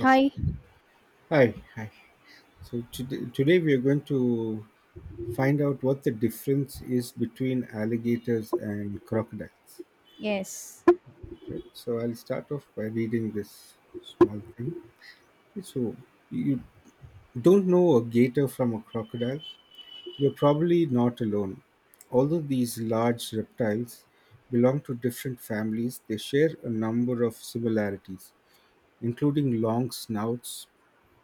Okay. Hi. Hi. Hi. So today we are going to find out what the difference is between alligators and crocodiles. Yes. Right. So I'll start off by reading this small thing. So you don't know a gator from a crocodile. You're probably not alone. Although these large reptiles belong to different families, they share a number of similarities, including long snouts,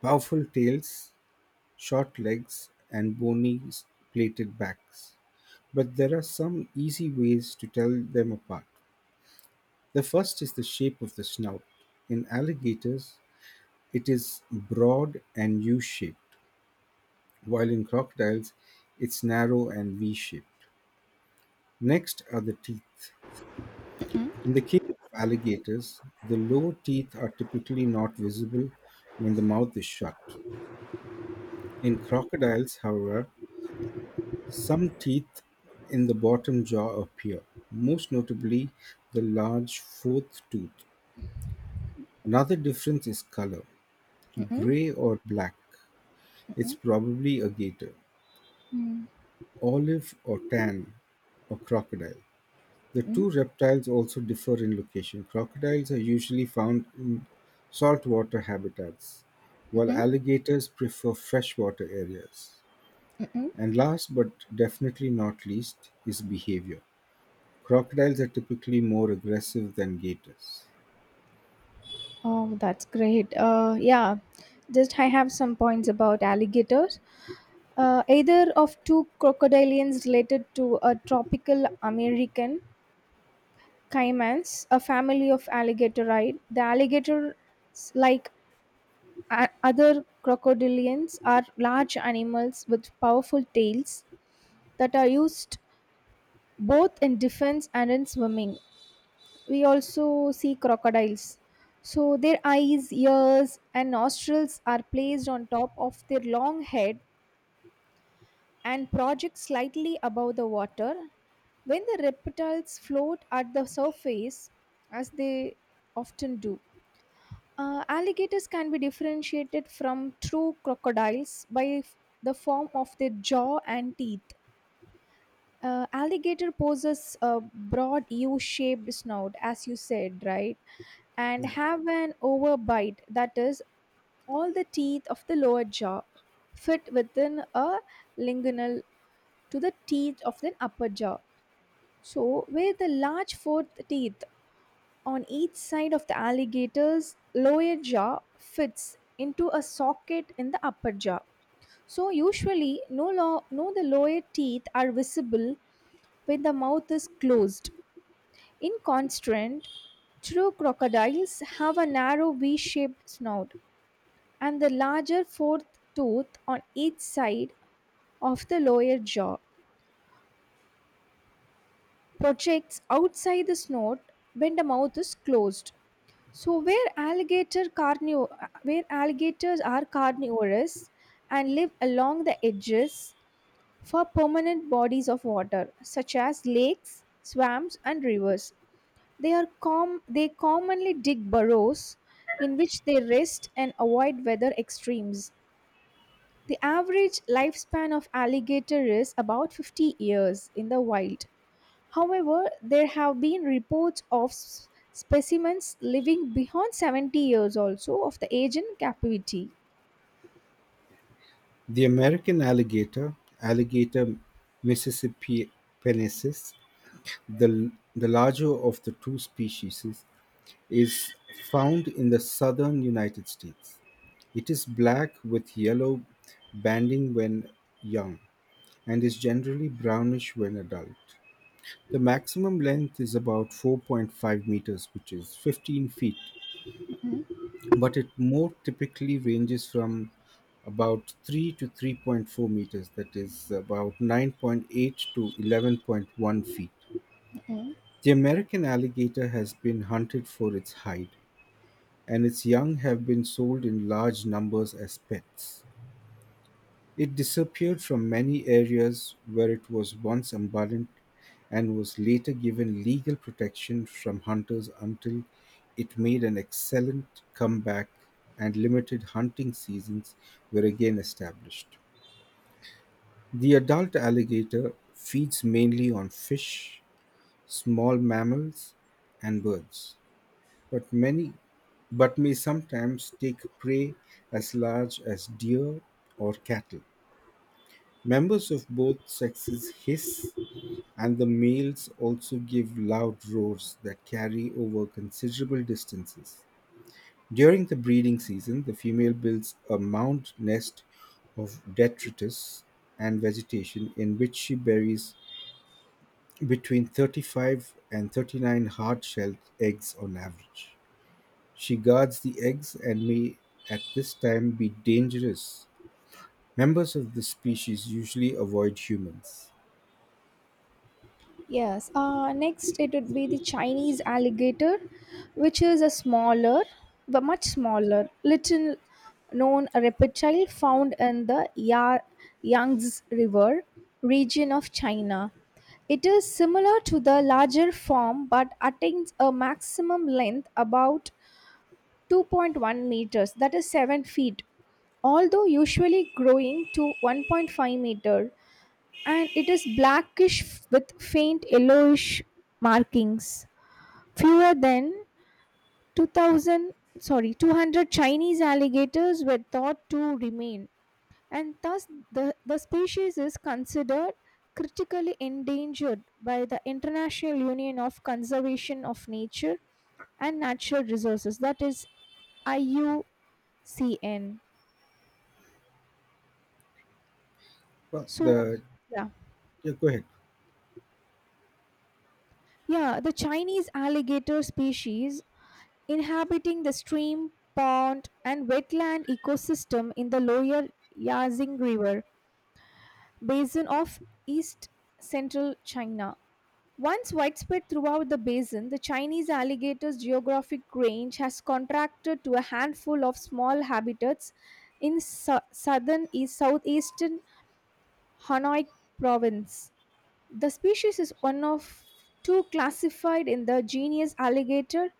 powerful tails, short legs, and bony plated backs. But there are some easy ways to tell them apart. The first is the shape of the snout. In alligators, it is broad and U shaped, while in crocodiles, it's narrow and V shaped. Next are the teeth. Mm-mm. In the case of alligators, the lower teeth are typically not visible when the mouth is shut. In crocodiles, however, some teeth in the bottom jaw appear, most notably the large fourth tooth. Another difference is color. Mm-mm. Gray or black, it's Mm-mm. probably a gator. Mm. Olive or tan, or crocodile. The Mm-mm. two reptiles also differ in location. Crocodiles are usually found in saltwater habitats, while Mm-mm. alligators prefer freshwater areas. Mm-mm. And last but definitely not least is behavior. Crocodiles are typically more aggressive than gators. Oh, that's great. Yeah, just I have some points about alligators. Either of two crocodilians related to a tropical American caimans, a family of alligatoride. The alligators, like other crocodilians, are large animals with powerful tails that are used both in defense and in swimming. We also see crocodiles. So their eyes, ears, and nostrils are placed on top of their long head and project slightly above the water. When the reptiles float at the surface, as they often do, alligators can be differentiated from true crocodiles by the form of their jaw and teeth. Alligator possesses a broad U shaped snout, as you said, right? And Yeah. have an overbite, that is, all the teeth of the lower jaw fit within a linguinal to the teeth of the upper jaw. So, where the large fourth teeth on each side of the alligator's lower jaw fits into a socket in the upper jaw. So, usually, no, no the lower teeth are visible when the mouth is closed. In contrast, true crocodiles have a narrow V shaped snout, and the larger fourth tooth on each side of the lower jaw projects outside the snout when the mouth is closed. So, where alligators are carnivorous and live along the edges for permanent bodies of water such as lakes, swamps and rivers. They commonly dig burrows in which they rest and avoid weather extremes. The average lifespan of alligator is about 50 years in the wild. However, there have been reports of specimens living beyond 70 years also of the age in captivity. The American alligator, Alligator mississippiensis, the larger of the two species, is found in the southern United States. It is black with yellow banding when young and is generally brownish when adult. The maximum length is about 4.5 meters, which is 15 feet, but it more typically ranges from about 3 to 3.4 meters, that is about 9.8 to 11.1 feet. The American alligator has been hunted for its hide, and its young have been sold in large numbers as pets. It disappeared from many areas where it was once abundant and was later given legal protection from hunters until it made an excellent comeback and limited hunting seasons were again established. The adult alligator feeds mainly on fish, small mammals, and birds, but many but may sometimes take prey as large as deer or cattle. Members of both sexes hiss, and the males also give loud roars that carry over considerable distances. During the breeding season, the female builds a mound nest of detritus and vegetation in which she buries between 35 and 39 hard shelled eggs on average. She guards the eggs and may at this time be dangerous. Members of this species usually avoid humans. Yes. Next, it would be the Chinese alligator, which is a smaller, but much smaller, little known reptile found in the Yangtze River region of China. It is similar to the larger form but attains a maximum length about 2.1 meters, that is 7 feet, although usually growing to 1.5 meter, and it is blackish with faint yellowish markings. Fewer than 2,000, sorry, 200 Chinese alligators were thought to remain, and thus the species is considered critically endangered by the International Union of Conservation of Nature and Natural Resources, that is IUCN. Well, So, the— yeah, Yeah, go ahead. yeah, the Chinese alligator species inhabiting the stream, pond, and wetland ecosystem in the lower Yazing River basin of east central China. Once widespread throughout the basin, the Chinese alligator's geographic range has contracted to a handful of small habitats in su- southern east southeastern Hanoi province. The species is one of two classified in the genus Alligator,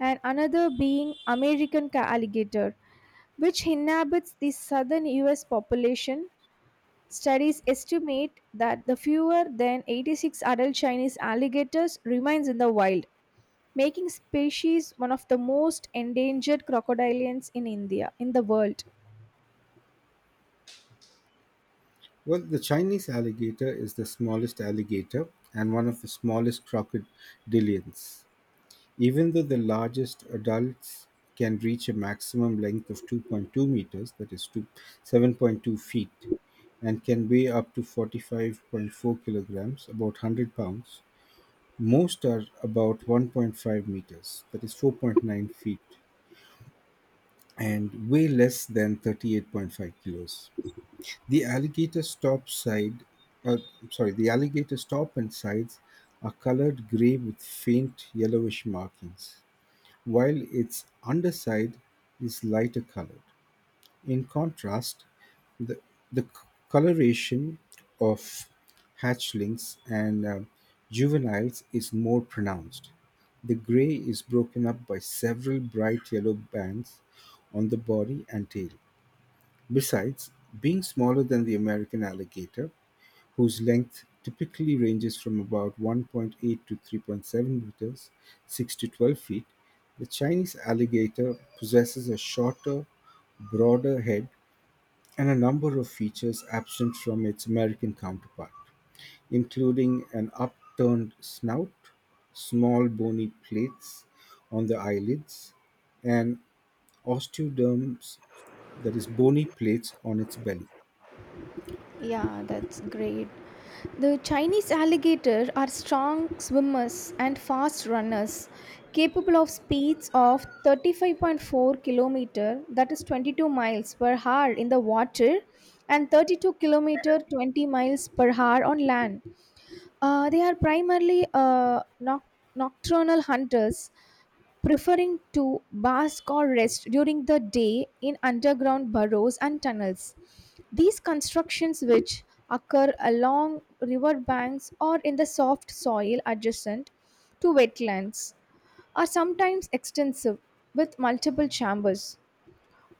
and another being American alligator, which inhabits the southern US population. Studies estimate that the fewer than 86 adult Chinese alligators remains in the wild, making species one of the most endangered crocodilians in India in the world. Well, the Chinese alligator is the smallest alligator and one of the smallest crocodilians. Even though the largest adults can reach a maximum length of 2.2 meters, that is 7.2 feet, and can weigh up to 45.4 kilograms, about 100 pounds, most are about 1.5 meters, that is 4.9 feet, and weigh less than 38.5 kilos. The alligator stop side, uh, sorry, the alligator stop and sides are colored gray with faint yellowish markings, while its underside is lighter colored. In contrast, the, the coloration of hatchlings and juveniles is more pronounced. The gray is broken up by several bright yellow bands on the body and tail. Besides being smaller than the American alligator, whose length typically ranges from about 1.8 to 3.7 meters (6 to 12 feet), the Chinese alligator possesses a shorter, broader head and a number of features absent from its American counterpart, including an upturned snout, small bony plates on the eyelids, and osteoderms, that is, bony plates on its belly. Yeah, that's great. The Chinese alligator are strong swimmers and fast runners, capable of speeds of 35.4 kilometer, that is 22 miles per hour in the water, and 32 kilometer 20 miles per hour on land. They are primarily nocturnal hunters preferring to bask or rest during the day in underground burrows and tunnels. These constructions, which occur along riverbanks or in the soft soil adjacent to wetlands, are sometimes extensive with multiple chambers.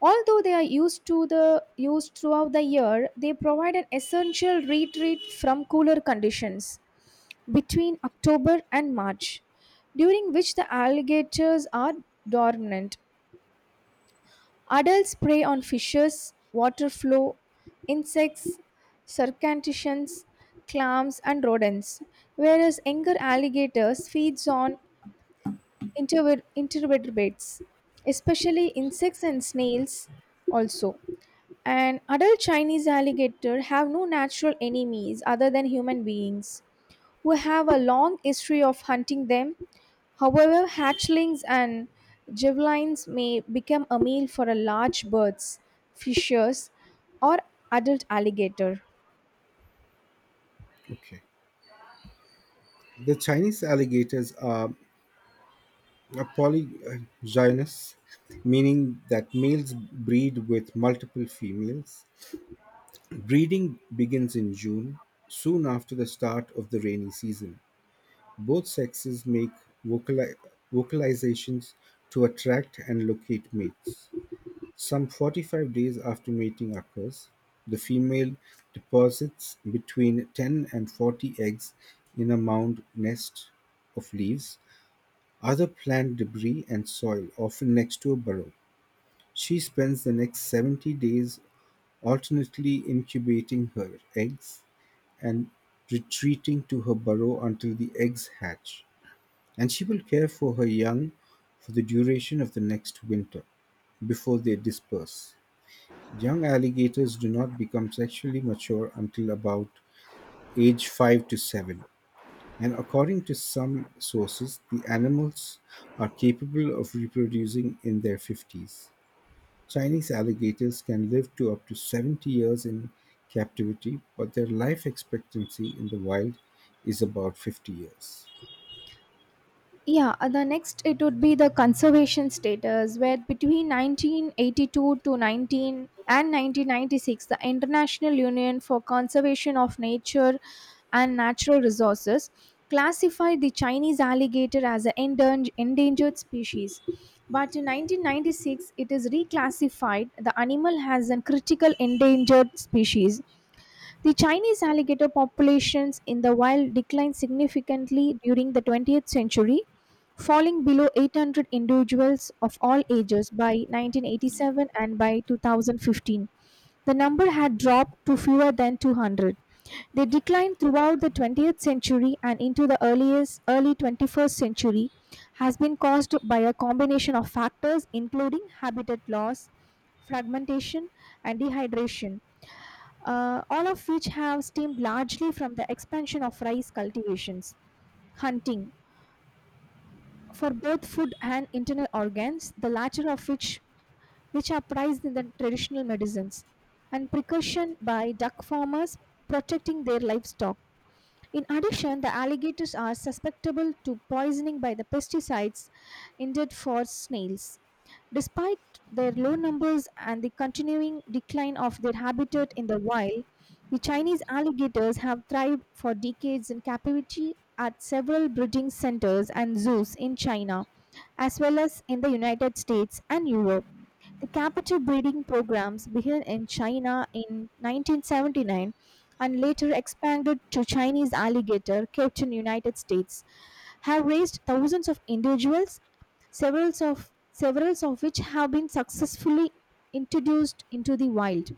Although they are used throughout the year, they provide an essential retreat from cooler conditions between October and March, during which the alligators are dormant. Adults prey on fishes, water flow, insects, crustaceans, clams, and rodents, whereas younger alligators feeds on invertebrates, especially insects and snails also. And adult Chinese alligator have no natural enemies other than human beings who have a long history of hunting them. However, hatchlings and javelins may become a meal for a large birds, fishers, or adult alligator. Okay. The Chinese alligators are polygynous, meaning that males breed with multiple females. Breeding begins in June, soon after the start of the rainy season. Both sexes make vocali- vocalizations to attract and locate mates. Some 45 days after mating occurs, the female deposits between 10 and 40 eggs in a mound nest of leaves, other plant debris and soil, often next to a burrow. She spends the next 70 days alternately incubating her eggs and retreating to her burrow until the eggs hatch, and she will care for her young for the duration of the next winter before they disperse. Young alligators do not become sexually mature until about age 5 to 7. And according to some sources, the animals are capable of reproducing in their 50s. Chinese alligators can live to up to 70 years in captivity, but their life expectancy in the wild is about 50 years. Yeah, the next it would be the conservation status, where between 1982 to 19 and 1996, the International Union for Conservation of Nature and Natural Resources classified the Chinese alligator as an endangered species. But in 1996, it is reclassified. The animal has a critical endangered species. The Chinese alligator populations in the wild declined significantly during the 20th century, falling below 800 individuals of all ages by 1987 and by 2015. The number had dropped to fewer than 200. They declined throughout the 20th century, and into the earliest early 21st century has been caused by a combination of factors including habitat loss, fragmentation and dehydration, all of which have stemmed largely from the expansion of rice cultivations hunting for both food and internal organs, the latter of which are prized in the traditional medicines, and precaution by duck farmers protecting their livestock. In addition, the alligators are susceptible to poisoning by the pesticides intended for snails. Despite their low numbers and the continuing decline of their habitat in the wild, the Chinese alligators have thrived for decades in captivity at several breeding centers and zoos in China, as well as in the United States and Europe. The captive breeding programs began in China in 1979, and later expanded to Chinese alligator kept in United States have raised thousands of individuals, several of which have been successfully introduced into the wild.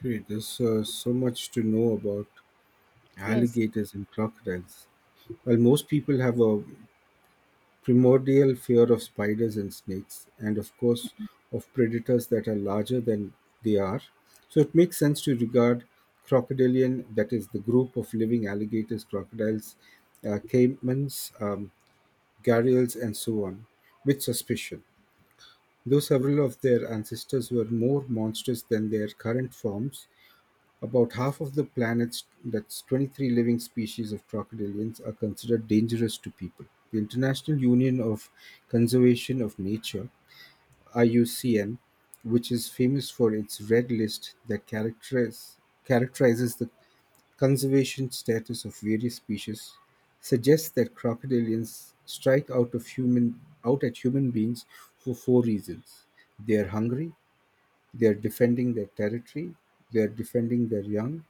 Great, there's so much to know about Yes. alligators and crocodiles. While most people have a primordial fear of spiders and snakes, and of course, of predators that are larger than they are. So it makes sense to regard crocodilian, that is, the group of living alligators, crocodiles, caimans, gharials, and so on, with suspicion. Though several of their ancestors were more monstrous than their current forms, about half of the planet's that's 23 living species of crocodilians are considered dangerous to people. The International Union of Conservation of Nature (IUCN), which is famous for its red list that characterizes the conservation status of various species, suggests that crocodilians strike out at human beings for four reasons: they are hungry, they are defending their territory, they are defending their young,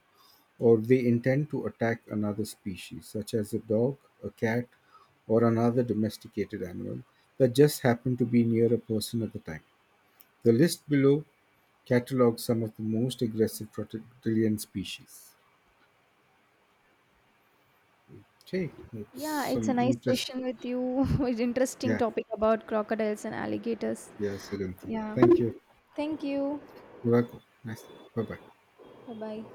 or they intend to attack another species, such as a dog, a cat, or another domesticated animal that just happened to be near a person at the time. The list below catalogs some of the most aggressive crocodilian species. Okay, that's Yeah, it's a some nice interesting. session with you. It's interesting Yeah, topic about crocodiles and alligators. yeah, certainly. Yeah. Thank you. Thank you. You're welcome. Nice. Bye bye. Bye bye.